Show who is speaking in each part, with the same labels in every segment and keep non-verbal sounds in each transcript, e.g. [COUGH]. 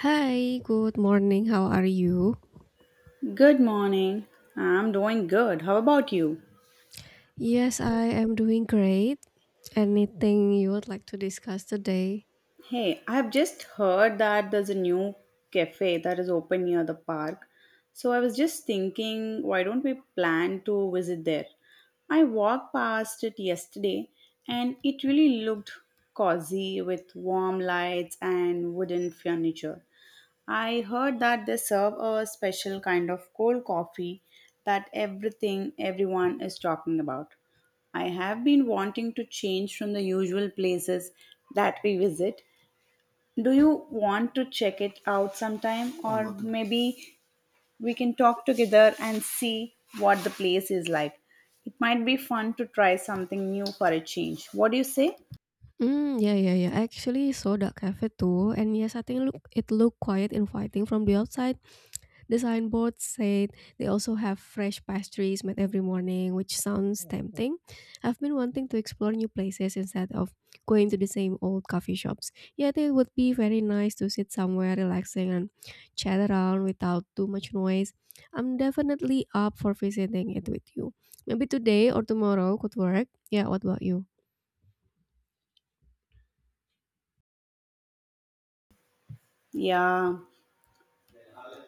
Speaker 1: Hi, good morning. How are you?
Speaker 2: Good morning. I'm doing good. How about you?
Speaker 1: Yes, I am doing great. Anything you would like to discuss today?
Speaker 2: Hey, I've just heard that there's a new cafe that is open near the park. So I was just thinking, why don't we plan to visit there? I walked past it yesterday and it really looked cozy with warm lights and wooden furniture. I heard that they serve a special kind of cold coffee that everything everyone is talking about. I have been wanting to change from the usual places that we visit. Do you want to check it out sometime or maybe we can talk together and see what the place is like. It might be fun to try something new for a change. What do you say?
Speaker 1: Mm, yeah, yeah, yeah. I actually saw that cafe too, and yes, I think look it looked quite inviting from the outside. The signboard said they also have fresh pastries made every morning, which sounds tempting. I've been wanting to explore new places instead of going to the same old coffee shops. Yet it would be very nice to sit somewhere relaxing and chat around without too much noise. I'm definitely up for visiting it with you. Maybe today or tomorrow could work. Yeah, what about you?
Speaker 2: Yeah,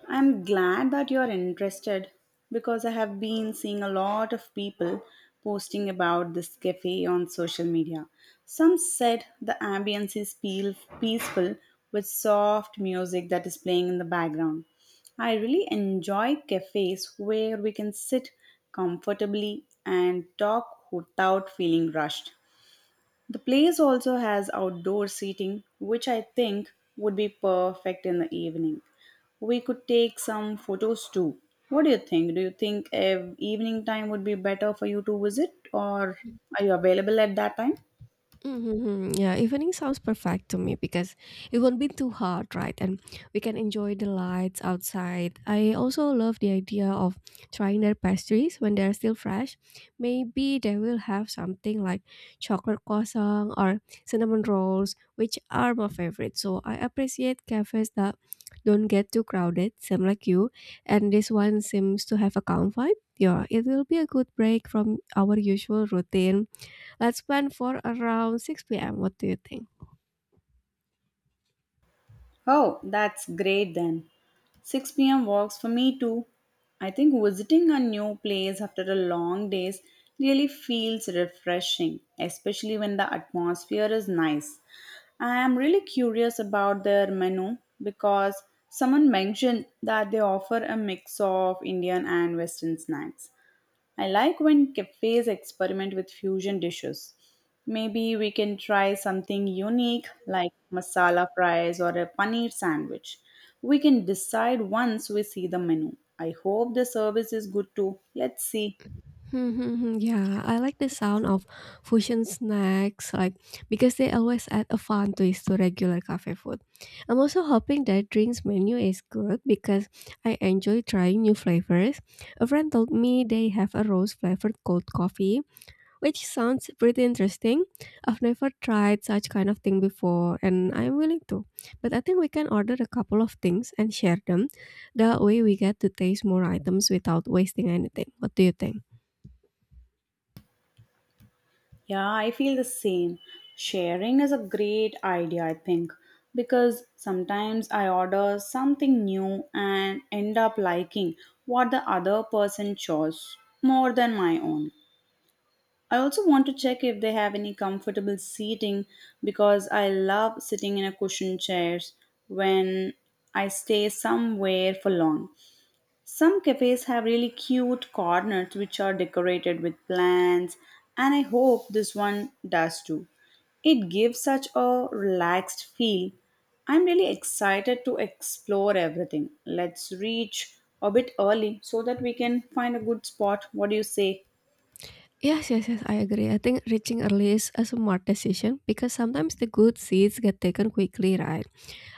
Speaker 2: I'm glad that you're interested because I have been seeing a lot of people posting about this cafe on social media. Some said the ambience is peaceful with soft music that is playing in the background. I really enjoy cafes where we can sit comfortably and talk without feeling rushed. The place also has outdoor seating, which I think would be perfect in the evening. We could take some photos too. What do you think? Do you think evening time would be better for you to visit, or are you available at that time?
Speaker 1: Mm-hmm. Yeah, evening sounds perfect to me because it won't be too hot, right? And we can enjoy the lights outside. I also love the idea of trying their pastries when they're still fresh. Maybe they will have something like chocolate croissant or cinnamon rolls, which are my favorite. So I appreciate cafes that don't get too crowded, same like you. And this one seems to have a calm vibe. Yeah, it will be a good break from our usual routine. Let's plan for around 6 p.m. What do you think?
Speaker 2: Oh, that's great then. 6 p.m. works for me too. I think visiting a new place after a long days really feels refreshing, especially when the atmosphere is nice. I am really curious about their menu because someone mentioned that they offer a mix of Indian and Western snacks. I like when cafes experiment with fusion dishes. Maybe we can try something unique like masala fries or a paneer sandwich. We can decide once we see the menu. I hope the service is good too. Let's see.
Speaker 1: Hmm, hmm, hmm. Yeah, I like the sound of fusion snacks, like because they always add a fun twist to regular cafe food. I'm also hoping that drinks menu is good because I enjoy trying new flavors. A friend told me they have a rose flavored cold coffee, which sounds pretty interesting. I've never tried such kind of thing before and I'm willing to. But I think we can order a couple of things and share them. That way we get to taste more items without wasting anything. What do you think?
Speaker 2: Yeah, I feel the same. Sharing is a great idea, I think, because sometimes I order something new and end up liking what the other person chose more than my own. I also want to check if they have any comfortable seating because I love sitting in a cushioned chairs when I stay somewhere for long. Some cafes have really cute corners which are decorated with plants, and I hope this one does too. It gives such a relaxed feel. I'm really excited to explore everything. Let's reach a bit early so that we can find a good spot. What do you say?
Speaker 1: Yes, yes, yes, I agree. I think reaching early is a smart decision because sometimes the good seats get taken quickly, right?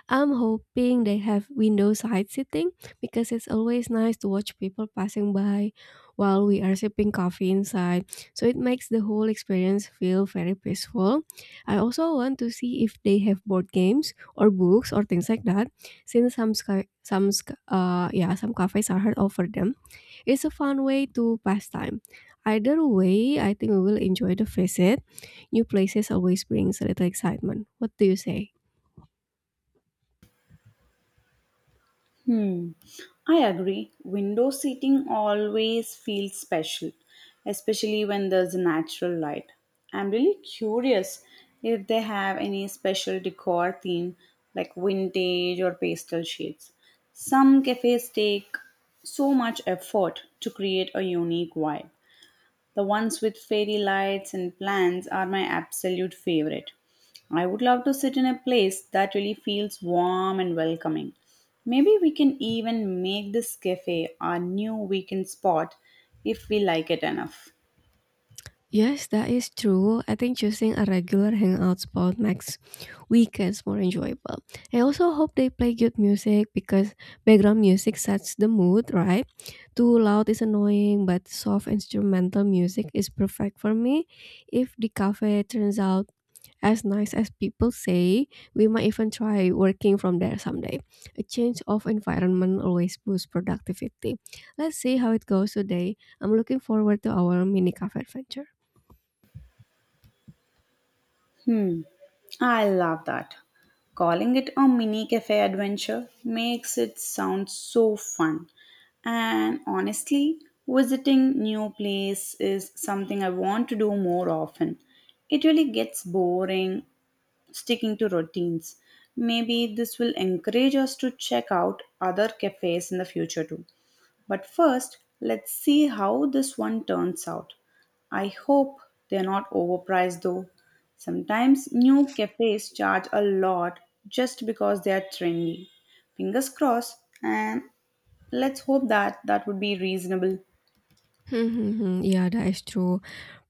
Speaker 1: I'm hoping they have window side seating because it's always nice to watch people passing by while we are sipping coffee inside. So it makes the whole experience feel very peaceful. I also want to see if they have board games or books or things like that since some sky, some sc- yeah, some cafes are hard offer them. It's a fun way to pass time. Either way, I think we will enjoy the visit. New places always brings a little excitement. What do you say?
Speaker 2: Hmm, I agree. Window seating always feels special, especially when there's natural light. I'm really curious if they have any special decor theme like vintage or pastel shades. Some cafes take so much effort to create a unique vibe. The ones with fairy lights and plants are my absolute favorite. I would love to sit in a place that really feels warm and welcoming. Maybe we can even make this cafe our new weekend spot if we like it enough.
Speaker 1: Yes, that is true. I think choosing a regular hangout spot makes weekends more enjoyable. I also hope they play good music because background music sets the mood, right? Too loud is annoying, but soft instrumental music is perfect for me. If the cafe turns out as nice as people say, we might even try working from there someday. A change of environment always boosts productivity. Let's see how it goes today. I'm looking forward to our mini cafe adventure.
Speaker 2: Hmm, I love that. Calling it a mini cafe adventure makes it sound so fun. And honestly, visiting new place is something I want to do more often. It really gets boring sticking to routines. Maybe this will encourage us to check out other cafes in the future too. But first, let's see how this one turns out. I hope they're not overpriced though. Sometimes new cafes charge a lot just because they are trendy. Fingers crossed, and let's hope that that would be reasonable.
Speaker 1: Mm-hmm. Yeah, that is true.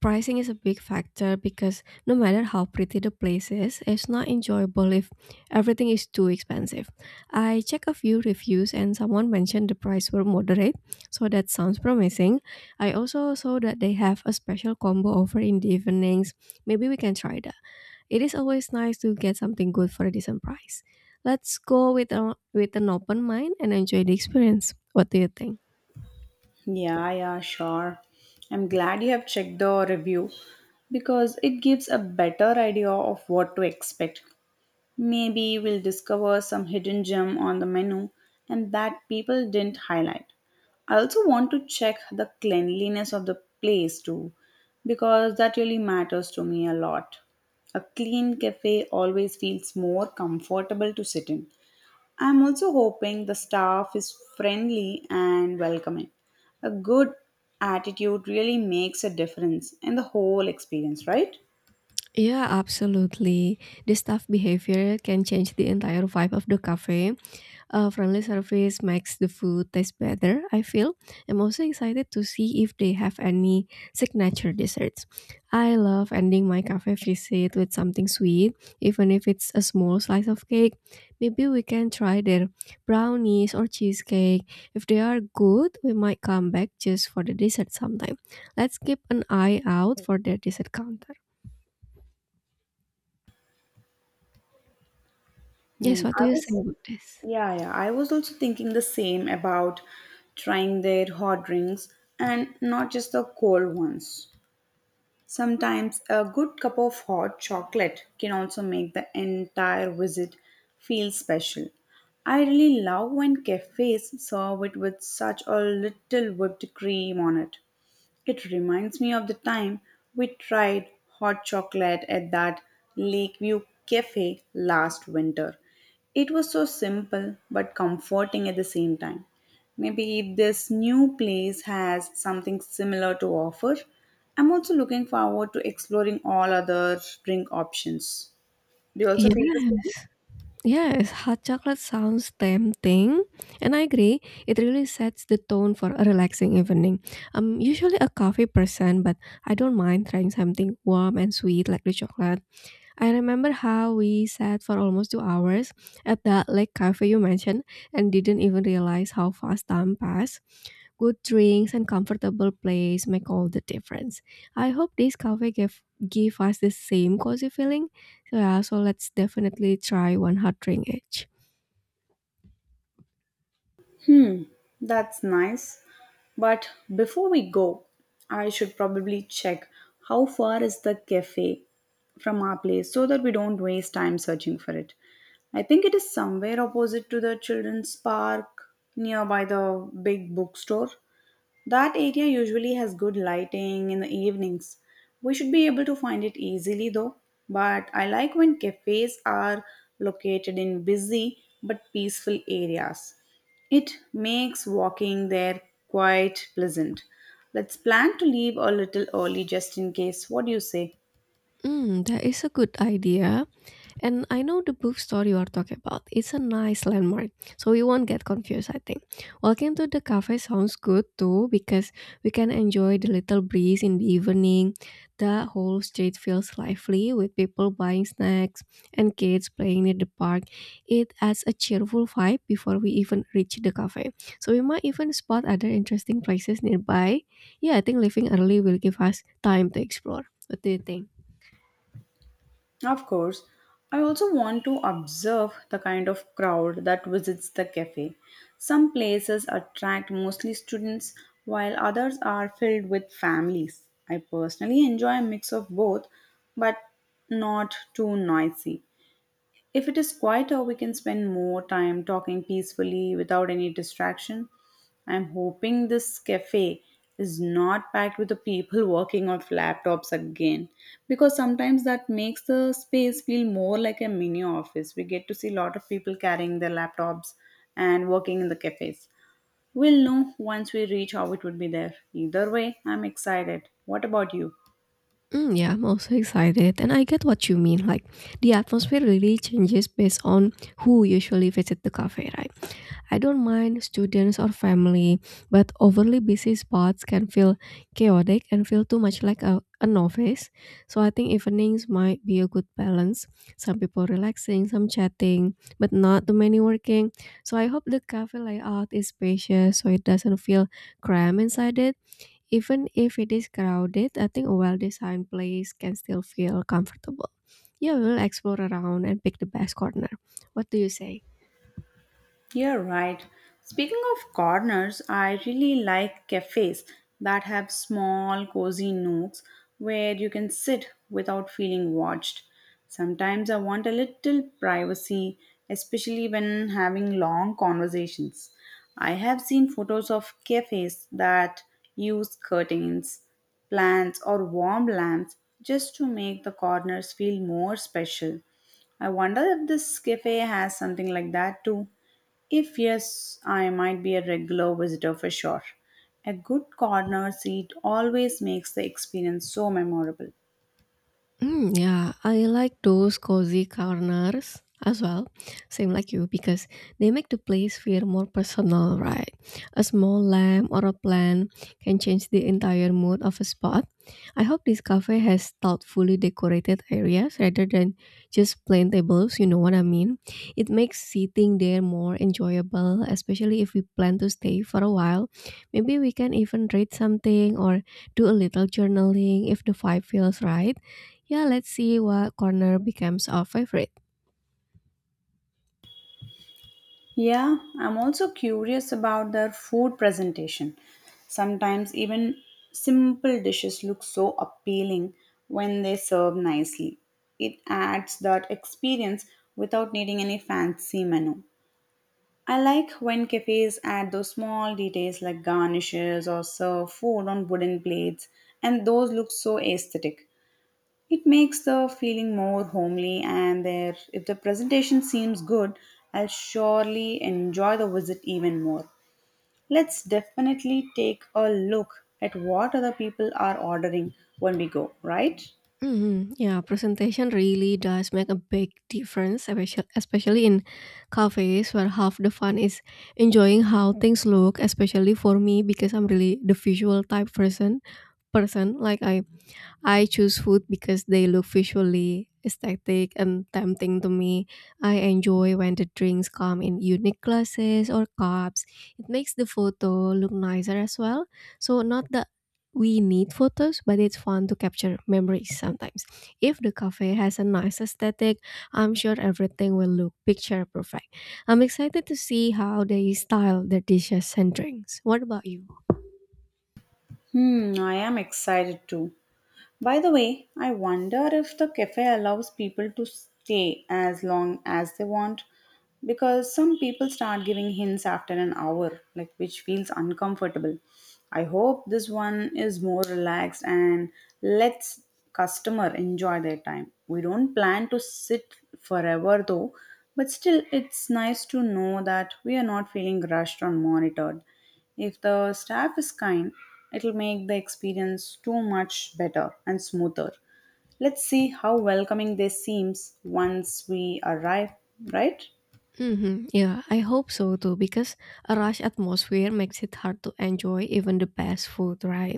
Speaker 1: Pricing is a big factor because no matter how pretty the place is, it's not enjoyable if everything is too expensive. I checked a few reviews and someone mentioned the price were moderate, so that sounds promising. I also saw that they have a special combo offer in the evenings. Maybe we can try that. It is always nice to get something good for a decent price. Let's go with an open mind and enjoy the experience. What do you think?
Speaker 2: Yeah, yeah, sure. I'm glad you have checked the review because it gives a better idea of what to expect. Maybe we'll discover some hidden gem on the menu and that people didn't highlight. I also want to check the cleanliness of the place too, because that really matters to me a lot. A clean cafe always feels more comfortable to sit in. I'm also hoping the staff is friendly and welcoming. A good attitude really makes a difference in the whole experience, right?
Speaker 1: Yeah, absolutely. The staff behavior can change the entire vibe of the cafe. A friendly service makes the food taste better, I feel. I'm also excited to see if they have any signature desserts. I love ending my cafe visit with something sweet, even if it's a small slice of cake. Maybe we can try their brownies or cheesecake. If they are good, we might come back just for the dessert sometime. Let's keep an eye out for their dessert counter. Yes,
Speaker 2: Hmm,
Speaker 1: what do
Speaker 2: I
Speaker 1: you say
Speaker 2: was,
Speaker 1: about this?
Speaker 2: yeah, yeah. I was also thinking the same about trying their hot drinks and not just the cold ones. Sometimes a good cup of hot chocolate can also make the entire visit feel special. I really love when cafes serve it with such a little whipped cream on it. It reminds me of the time we tried hot chocolate at that Lakeview cafe last winter. It was so simple but comforting at the same time. Maybe if this new place has something similar to offer, I'm also looking forward to exploring all other drink options. Do you also feel the
Speaker 1: Yeah,
Speaker 2: same?
Speaker 1: yes, hot chocolate sounds tempting, and I agree. It really sets the tone for a relaxing evening. I'm usually a coffee person, but I don't mind trying something warm and sweet like the chocolate. I remember how we sat for almost 2 hours at that lake cafe you mentioned and didn't even realize how fast time passed. Good drinks and comfortable place make all the difference. I hope this cafe gave give us the same cozy feeling. So yeah, so let's definitely try one hot drink each.
Speaker 2: Hmm, that's nice. But before we go, I should probably check how far is the cafe from our place so that we don't waste time searching for it. I think it is somewhere opposite to the children's park nearby the big bookstore. That area usually has good lighting in the evenings. We should be able to find it easily though, but I like when cafes are located in busy but peaceful areas. It makes walking there quite pleasant. Let's plan to leave a little early just in case. What do you say?
Speaker 1: Mm, that is a good idea. And I know the bookstore you are talking about. It's a nice landmark, so we won't get confused, I think. Walking to the cafe sounds good too because we can enjoy the little breeze in the evening. The whole street feels lively with people buying snacks and kids playing near the park. It adds a cheerful vibe before we even reach the cafe. So we might even spot other interesting places nearby. Yeah, I think leaving early will give us time to explore. What do you think?
Speaker 2: Of course, I also want to observe the kind of crowd that visits the cafe. Some places attract mostly students, while others are filled with families. I personally enjoy a mix of both, but not too noisy. If it is quieter, we can spend more time talking peacefully without any distraction. I'm hoping this cafe is not packed with the people [LAUGHS] working on laptops again because sometimes that makes the space feel more like a mini office. We get to see a lot of people carrying their laptops and working in the cafes. We'll know once we reach how it would be there. Either way, I'm excited. What about you?
Speaker 1: Mm, yeah, I'm also excited, and I get what you mean. Like the atmosphere really changes based on who usually visit the cafe, right? I don't mind students or family, but overly busy spots can feel chaotic and feel too much like a novice. So I think evenings might be a good balance. Some people relaxing, some chatting, but not too many working. So I hope the cafe layout is spacious so it doesn't feel cramped inside it even if it is crowded, I think a well-designed place can still feel comfortable. Yeah, we'll explore around and pick the best corner. What do you say?
Speaker 2: You're right. Speaking of corners, I really like cafes that have small, cozy nooks where you can sit without feeling watched. Sometimes I want a little privacy, especially when having long conversations. I have seen photos of cafes that use curtains, plants, or warm lamps just to make the corners feel more special. I wonder if this cafe has something like that too. If yes, I might be a regular visitor for sure. A good corner seat always makes the experience so memorable.
Speaker 1: Mm, yeah, I like those cozy corners as well, same like you, because they make the place feel more personal, right? A small lamp or a plant can change the entire mood of a spot. I hope this cafe has thoughtfully decorated areas rather than just plain tables, you know what I mean? It makes sitting there more enjoyable, especially if we plan to stay for a while. Maybe we can even read something or do a little journaling if the vibe feels right. Yeah, let's see what corner becomes our favorite.
Speaker 2: Yeah, I'm also curious about their food presentation. Sometimes even simple dishes look so appealing when they serve nicely. It adds that experience without needing any fancy menu. I like when cafes add those small details like garnishes or serve food on wooden plates, and those look so aesthetic. It makes the feeling more homely, and there, if the presentation seems good, I'll surely enjoy the visit even more. Let's definitely take a look at what other people are ordering when we go, right?
Speaker 1: Hmm. Yeah, presentation really does make a big difference, especially in cafes where half the fun is enjoying how things look. Especially for me, because I'm really the visual type person. Like, I choose food because they look visually aesthetic and tempting to me. I enjoy when the drinks come in unique glasses or cups. It makes the photo look nicer as well. So not that we need photos, but it's fun to capture memories sometimes. If the cafe has a nice aesthetic, I'm sure everything will look picture perfect. I'm excited to see how they style their dishes and drinks. What about you?
Speaker 2: Hmm, I am excited too. By the way, I wonder if the cafe allows people to stay as long as they want because some people start giving hints after an hour, like which feels uncomfortable. I hope this one is more relaxed and lets customer enjoy their time. We don't plan to sit forever though, but still it's nice to know that we are not feeling rushed or monitored. If the staff is kind, it'll make the experience too much better and smoother. Let's see how welcoming this seems once we arrive, right?
Speaker 1: Mm-hmm. Yeah, I hope so too because a rush atmosphere makes it hard to enjoy even the best food, right?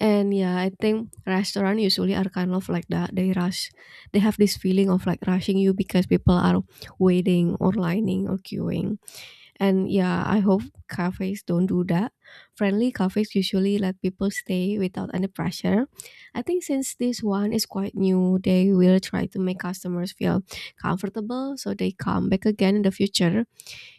Speaker 1: And yeah, I think restaurant usually are kind of like that. They rush, they have this feeling of like rushing you because people are waiting or lining or queuing. And yeah, I hope cafes don't do that. Friendly cafes usually let people stay without any pressure. I think since this one is quite new, they will try to make customers feel comfortable so they come back again in the future.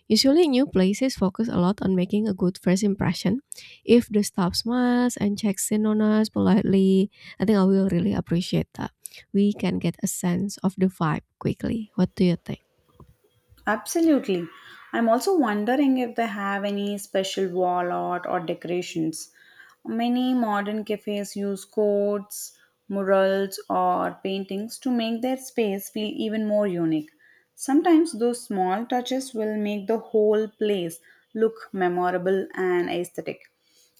Speaker 1: Usually, new places focus a lot on making a good first impression. If the staff smiles and checks in on us politely, I think I will really appreciate that. We can get a sense of the vibe quickly. What do you think?
Speaker 2: Absolutely. I'm also wondering if they have any special wall art or decorations. Many modern cafes use quotes, murals, or paintings to make their space feel even more unique. Sometimes those small touches will make the whole place look memorable and aesthetic.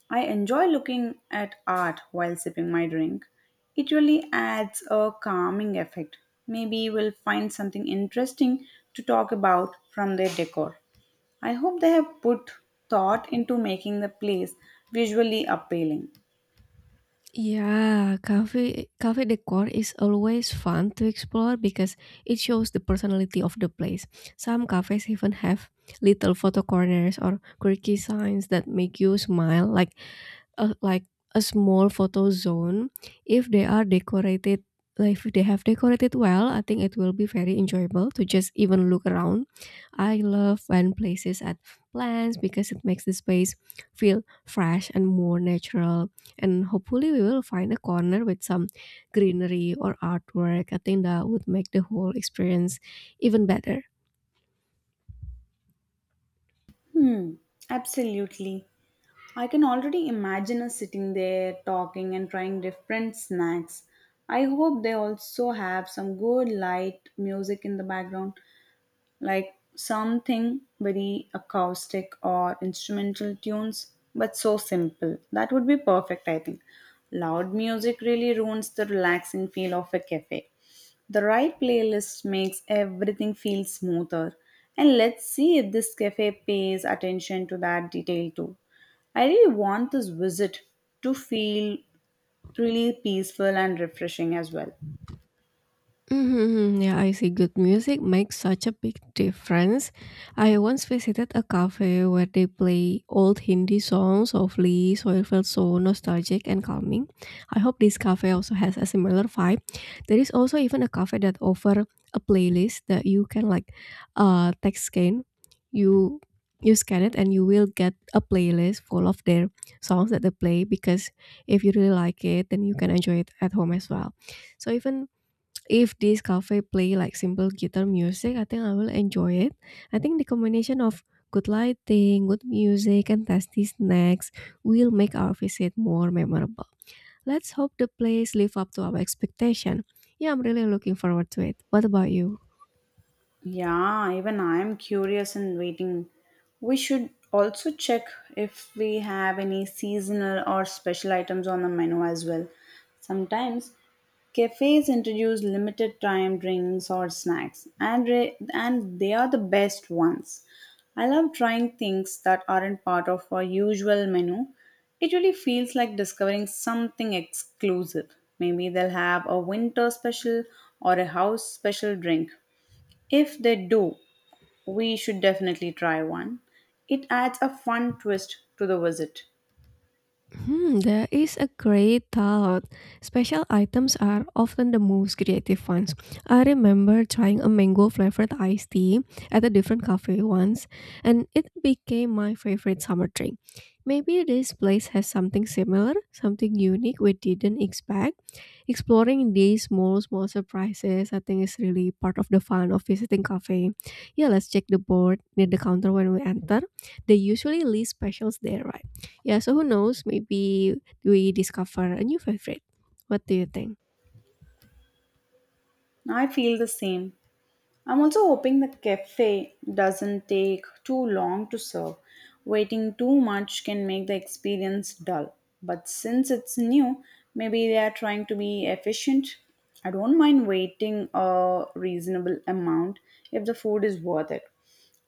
Speaker 2: I enjoy looking at art while sipping my drink. It really adds a calming effect. Maybe we'll find something interesting to talk about from their decor. I hope they have put thought into making the place visually appealing.
Speaker 1: Yeah, cafe decor is always fun to explore because it shows the personality of the place. Some cafes even have little photo corners or quirky signs that make you smile, like a small photo zone if they are decorated, like, if they have decorated well, I think it will be very enjoyable to just even look around. I love when places add plants because it makes the space feel fresh and more natural, and hopefully we will find a corner with some greenery or artwork. I think that would make the whole experience even better.
Speaker 2: Hmm, absolutely. I can already imagine us sitting there talking and trying different snacks. I hope they also have some good light music in the background like something very acoustic or instrumental tunes, but so simple. That would be perfect, I think. Loud music really ruins the relaxing feel of a cafe. The right playlist makes everything feel smoother. And let's see if this cafe pays attention to that detail too. I really want this visit to feel really peaceful and refreshing as well.
Speaker 1: Mm-hmm. Yeah, I see. Good music makes such a big difference. I once visited a cafe where they play old Hindi songs softly, so it felt so nostalgic and calming. I hope this cafe also has a similar vibe. There is also even a cafe that offer a playlist that you can like, text scan. You you scan it and you will get a playlist full of their songs that they play because if you really like it, then you can enjoy it at home as well. So even if this cafe play like simple guitar music, I think I will enjoy it. I think the combination of good lighting, good music, and tasty snacks will make our visit more memorable. Let's hope the place live up to our expectation. Yeah, I'm really looking forward to it. What about you?
Speaker 2: Yeah, even I am curious and waiting. We should also check if we have any seasonal or special items on the menu as well. Sometimes cafes introduce limited time drinks or snacks, and they are the best ones. I love trying things that aren't part of our usual menu. It really feels like discovering something exclusive. Maybe they'll have a winter special or a house special drink. If they do, we should definitely try one. It adds a fun twist to the visit.
Speaker 1: Hmm, that is a great thought. Special items are often the most creative ones. I remember trying a mango flavored iced tea at a different cafe once, and it became my favorite summer drink. Maybe this place has something similar, something unique we didn't expect. Exploring these small, small surprises, I think, is really part of the fun of visiting cafe. Yeah, let's check the board near the counter when we enter. They usually list specials there, right? Yeah, so who knows? Maybe we discover a new favorite. What do you think?
Speaker 2: I feel the same. I'm also hoping the cafe doesn't take too long to serve. Waiting too much can make the experience dull. But since it's new, maybe they are trying to be efficient. I don't mind waiting a reasonable amount if the food is worth it.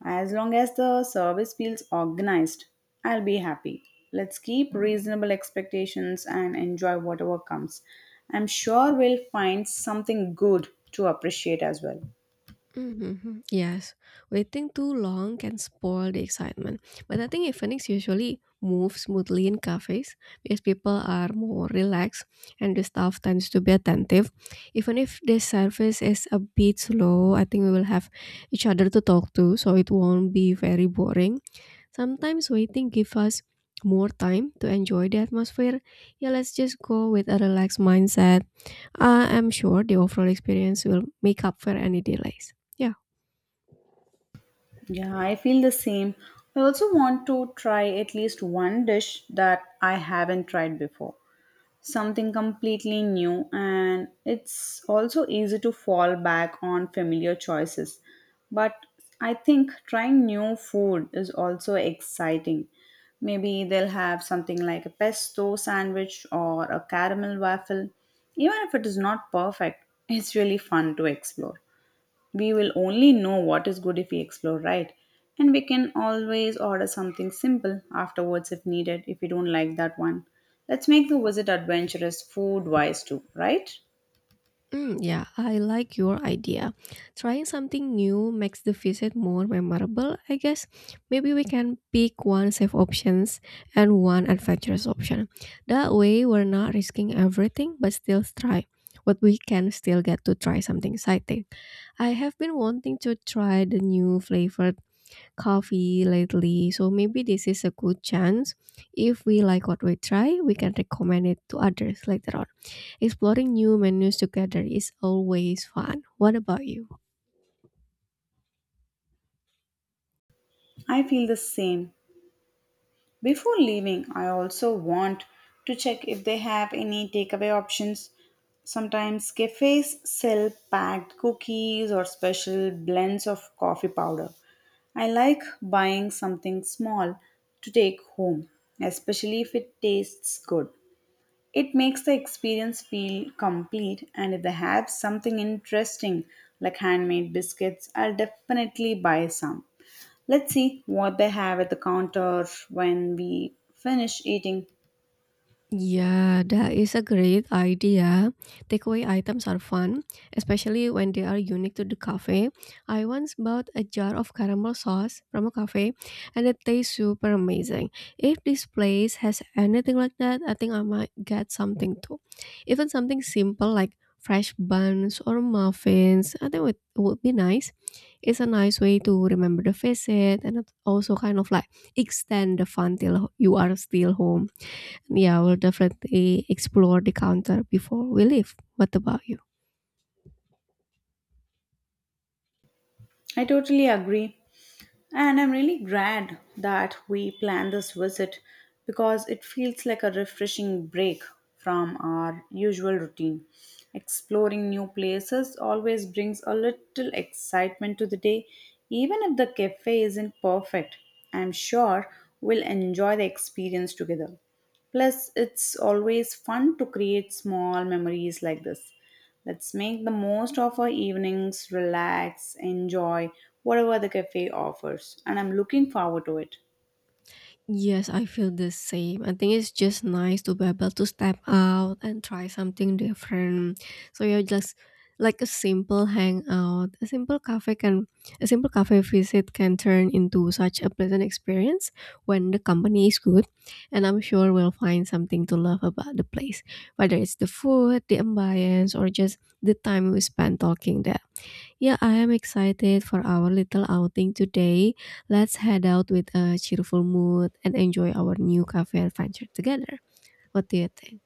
Speaker 2: As long as the service feels organized, I'll be happy. Let's keep reasonable expectations and enjoy whatever comes. I'm sure we'll find something good to appreciate as well.
Speaker 1: Mhm. Yes, waiting too long can spoil the excitement. But I think evenings usually move smoothly in cafes because people are more relaxed and the staff tends to be attentive. Even if the service is a bit slow, I think we will have each other to talk to, so it won't be very boring. Sometimes waiting gives us more time to enjoy the atmosphere. Yeah, let's just go with a relaxed mindset. I am sure the overall experience will make up for any delays. Yeah.
Speaker 2: Yeah, I feel the same. I also want to try at least one dish that I haven't tried before. Something completely new, and it's also easy to fall back on familiar choices. But I think trying new food is also exciting. Maybe they'll have something like a pesto sandwich or a caramel waffle. Even if it is not perfect, it's really fun to explore. We will only know what is good if we explore right. And we can always order something simple afterwards if needed, if we don't like that one. Let's make the visit adventurous food wise too, right?
Speaker 1: Mm, yeah, I like your idea. Trying something new makes the visit more memorable, I guess. Maybe we can pick one safe options and one adventurous option. That way we're not risking everything but still try. But we can still get to try something exciting. I have been wanting to try the new flavored coffee lately, so maybe this is a good chance. If we like what we try, we can recommend it to others later on. Exploring new menus together is always fun. What about you?
Speaker 2: I feel the same. Before leaving, I also want to check if they have any takeaway options. Sometimes cafes sell packed cookies or special blends of coffee powder. I like buying something small to take home, especially if it tastes good. It makes the experience feel complete, and if they have something interesting like handmade biscuits, I'll definitely buy some. Let's see what they have at the counter when we finish eating.
Speaker 1: Yeah, that is a great idea. Takeaway items are fun, especially when they are unique to the cafe. I once bought a jar of caramel sauce from a cafe and it tastes super amazing. If this place has anything like that, I think I might get something too. Even something simple like fresh buns or muffins, I think it would be nice. It's a nice way to remember the visit and it also kind of like extend the fun till you are still home. Yeah, we'll definitely explore the counter before we leave. What about you?
Speaker 2: I totally agree. And I'm really glad that we planned this visit because it feels like a refreshing break from our usual routine. Exploring new places always brings a little excitement to the day, even if the cafe isn't perfect. I'm sure we'll enjoy the experience together. Plus, it's always fun to create small memories like this. Let's make the most of our evenings, relax, enjoy whatever the cafe offers, and I'm looking forward to it.
Speaker 1: Yes, I feel the same. I think it's just nice to be able to step out and try something different. So you're just like a simple hangout, a simple cafe can, a simple cafe visit can turn into such a pleasant experience when the company is good, and I'm sure we'll find something to love about the place, whether it's the food, the ambience, or just the time we spend talking there. Yeah, I am excited for our little outing today. Let's head out with a cheerful mood and enjoy our new cafe adventure together. What do you think?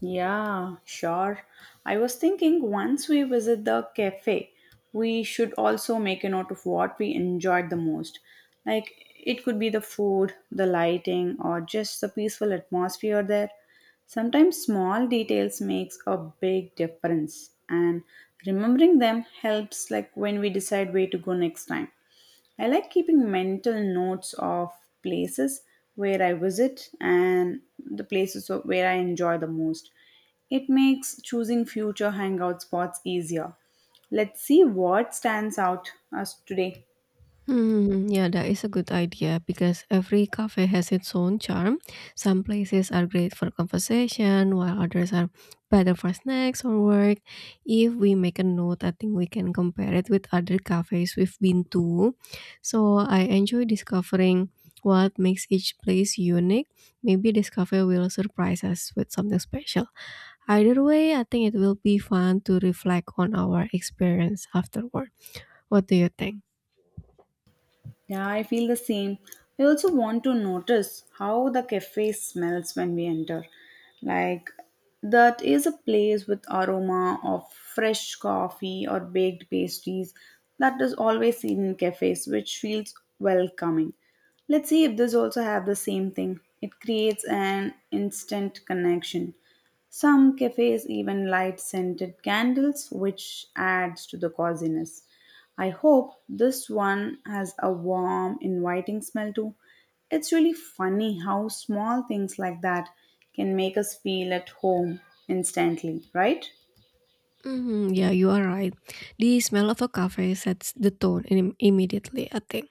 Speaker 2: Yeah, sure. I was thinking once we visit the cafe, we should also make a note of what we enjoyed the most. Like it could be the food, the lighting, or just the peaceful atmosphere there. Sometimes small details makes a big difference and remembering them helps like when we decide where to go next time. I like keeping mental notes of places where I visit and the places of- where I enjoy the most. It makes choosing future hangout spots easier. Let's see what stands out us today.
Speaker 1: Hmm, yeah, that is a good idea because every cafe has its own charm. Some places are great for conversation, while others are better for snacks or work. If we make a note, I think we can compare it with other cafes we've been to. So I enjoy discovering what makes each place unique. Maybe this cafe will surprise us with something special. Either way, I think it will be fun to reflect on our experience afterward. What do you think?
Speaker 2: Yeah, I feel the same. I also want to notice how the cafe smells when we enter. Like, that is a place with aroma of fresh coffee or baked pastries that is always seen in cafes, which feels welcoming. Let's see if this also have the same thing. It creates an instant connection. Some cafes even light scented candles, which adds to the coziness. I hope this one has a warm, inviting smell too. It's really funny how small things like that can make us feel at home instantly, right?
Speaker 1: Mhm, yeah, you are right. The smell of a cafe sets the tone immediately, I think.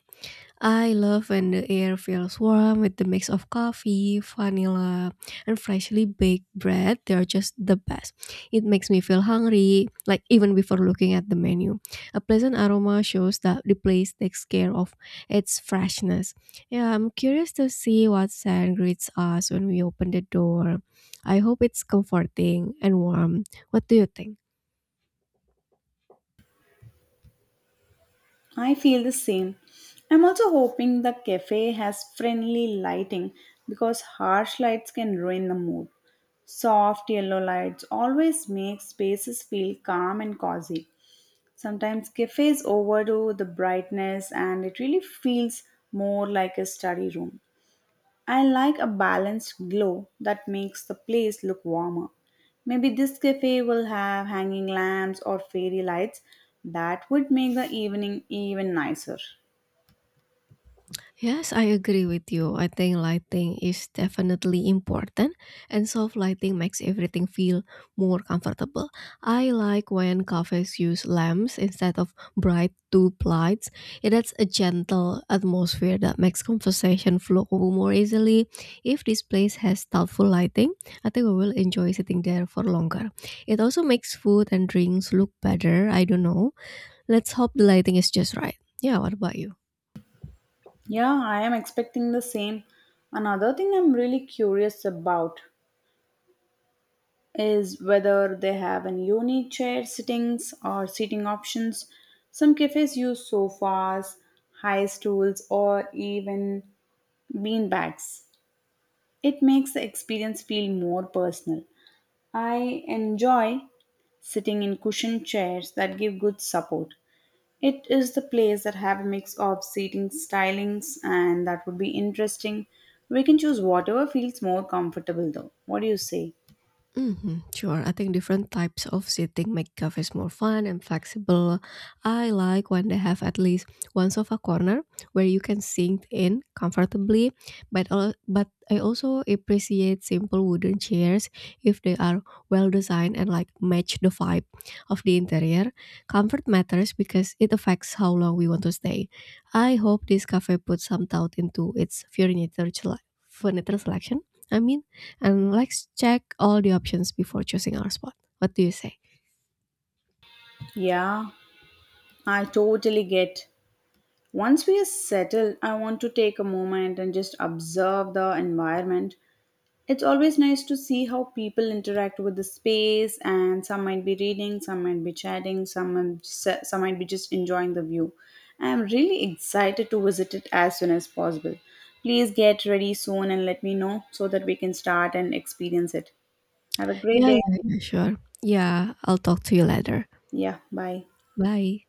Speaker 1: I love when the air feels warm with the mix of coffee, vanilla, and freshly baked bread. They are just the best. It makes me feel hungry, like even before looking at the menu. A pleasant aroma shows that the place takes care of its freshness. Yeah, I'm curious to see what scent greets us when we open the door. I hope it's comforting and warm, what do you think?
Speaker 2: I feel the same. I'm also hoping the cafe has friendly lighting because harsh lights can ruin the mood. Soft yellow lights always make spaces feel calm and cozy. Sometimes cafes overdo the brightness and it really feels more like a study room. I like a balanced glow that makes the place look warmer. Maybe this cafe will have hanging lamps or fairy lights that would make the evening even nicer.
Speaker 1: Yes, I agree with you. I think lighting is definitely important, and soft lighting makes everything feel more comfortable. I like when cafes use lamps instead of bright tube lights. It adds a gentle atmosphere that makes conversation flow more easily. If this place has thoughtful lighting, I think we will enjoy sitting there for longer. It also makes food and drinks look better. I don't know. Let's hope the lighting is just right. Yeah, what about you?
Speaker 2: Yeah, I am expecting the same. Another thing I'm really curious about is whether they have an unique chair sittings or seating options. Some cafes use sofas, high stools, or even bean bags. It makes the experience feel more personal. I enjoy sitting in cushioned chairs that give good support. It is the place that have a mix of seating stylings and that would be interesting. We can choose whatever feels more comfortable though. What do you say?
Speaker 1: Hmm. Sure. I think different types of seating make cafes more fun and flexible. I like when they have at least one sofa corner where you can sink in comfortably, but I also appreciate simple wooden chairs if they are well designed and like match the vibe of the interior. Comfort matters because it affects how long we want to stay. I hope this cafe puts some thought into its furniture furniture selection. I mean, and let's check all the options before choosing our spot. What do you say?
Speaker 2: Yeah, I totally get. Once we are settled, I want to take a moment and just observe the environment. It's always nice to see how people interact with the space, and some might be reading, some might be chatting, some might be just enjoying the view. I am really excited to visit it as soon as possible. Please get ready soon and let me know so that we can start and experience it. Have a great
Speaker 1: Yeah,
Speaker 2: day.
Speaker 1: yeah, yeah, sure. Yeah, I'll talk to you later.
Speaker 2: Yeah, bye.
Speaker 1: Bye.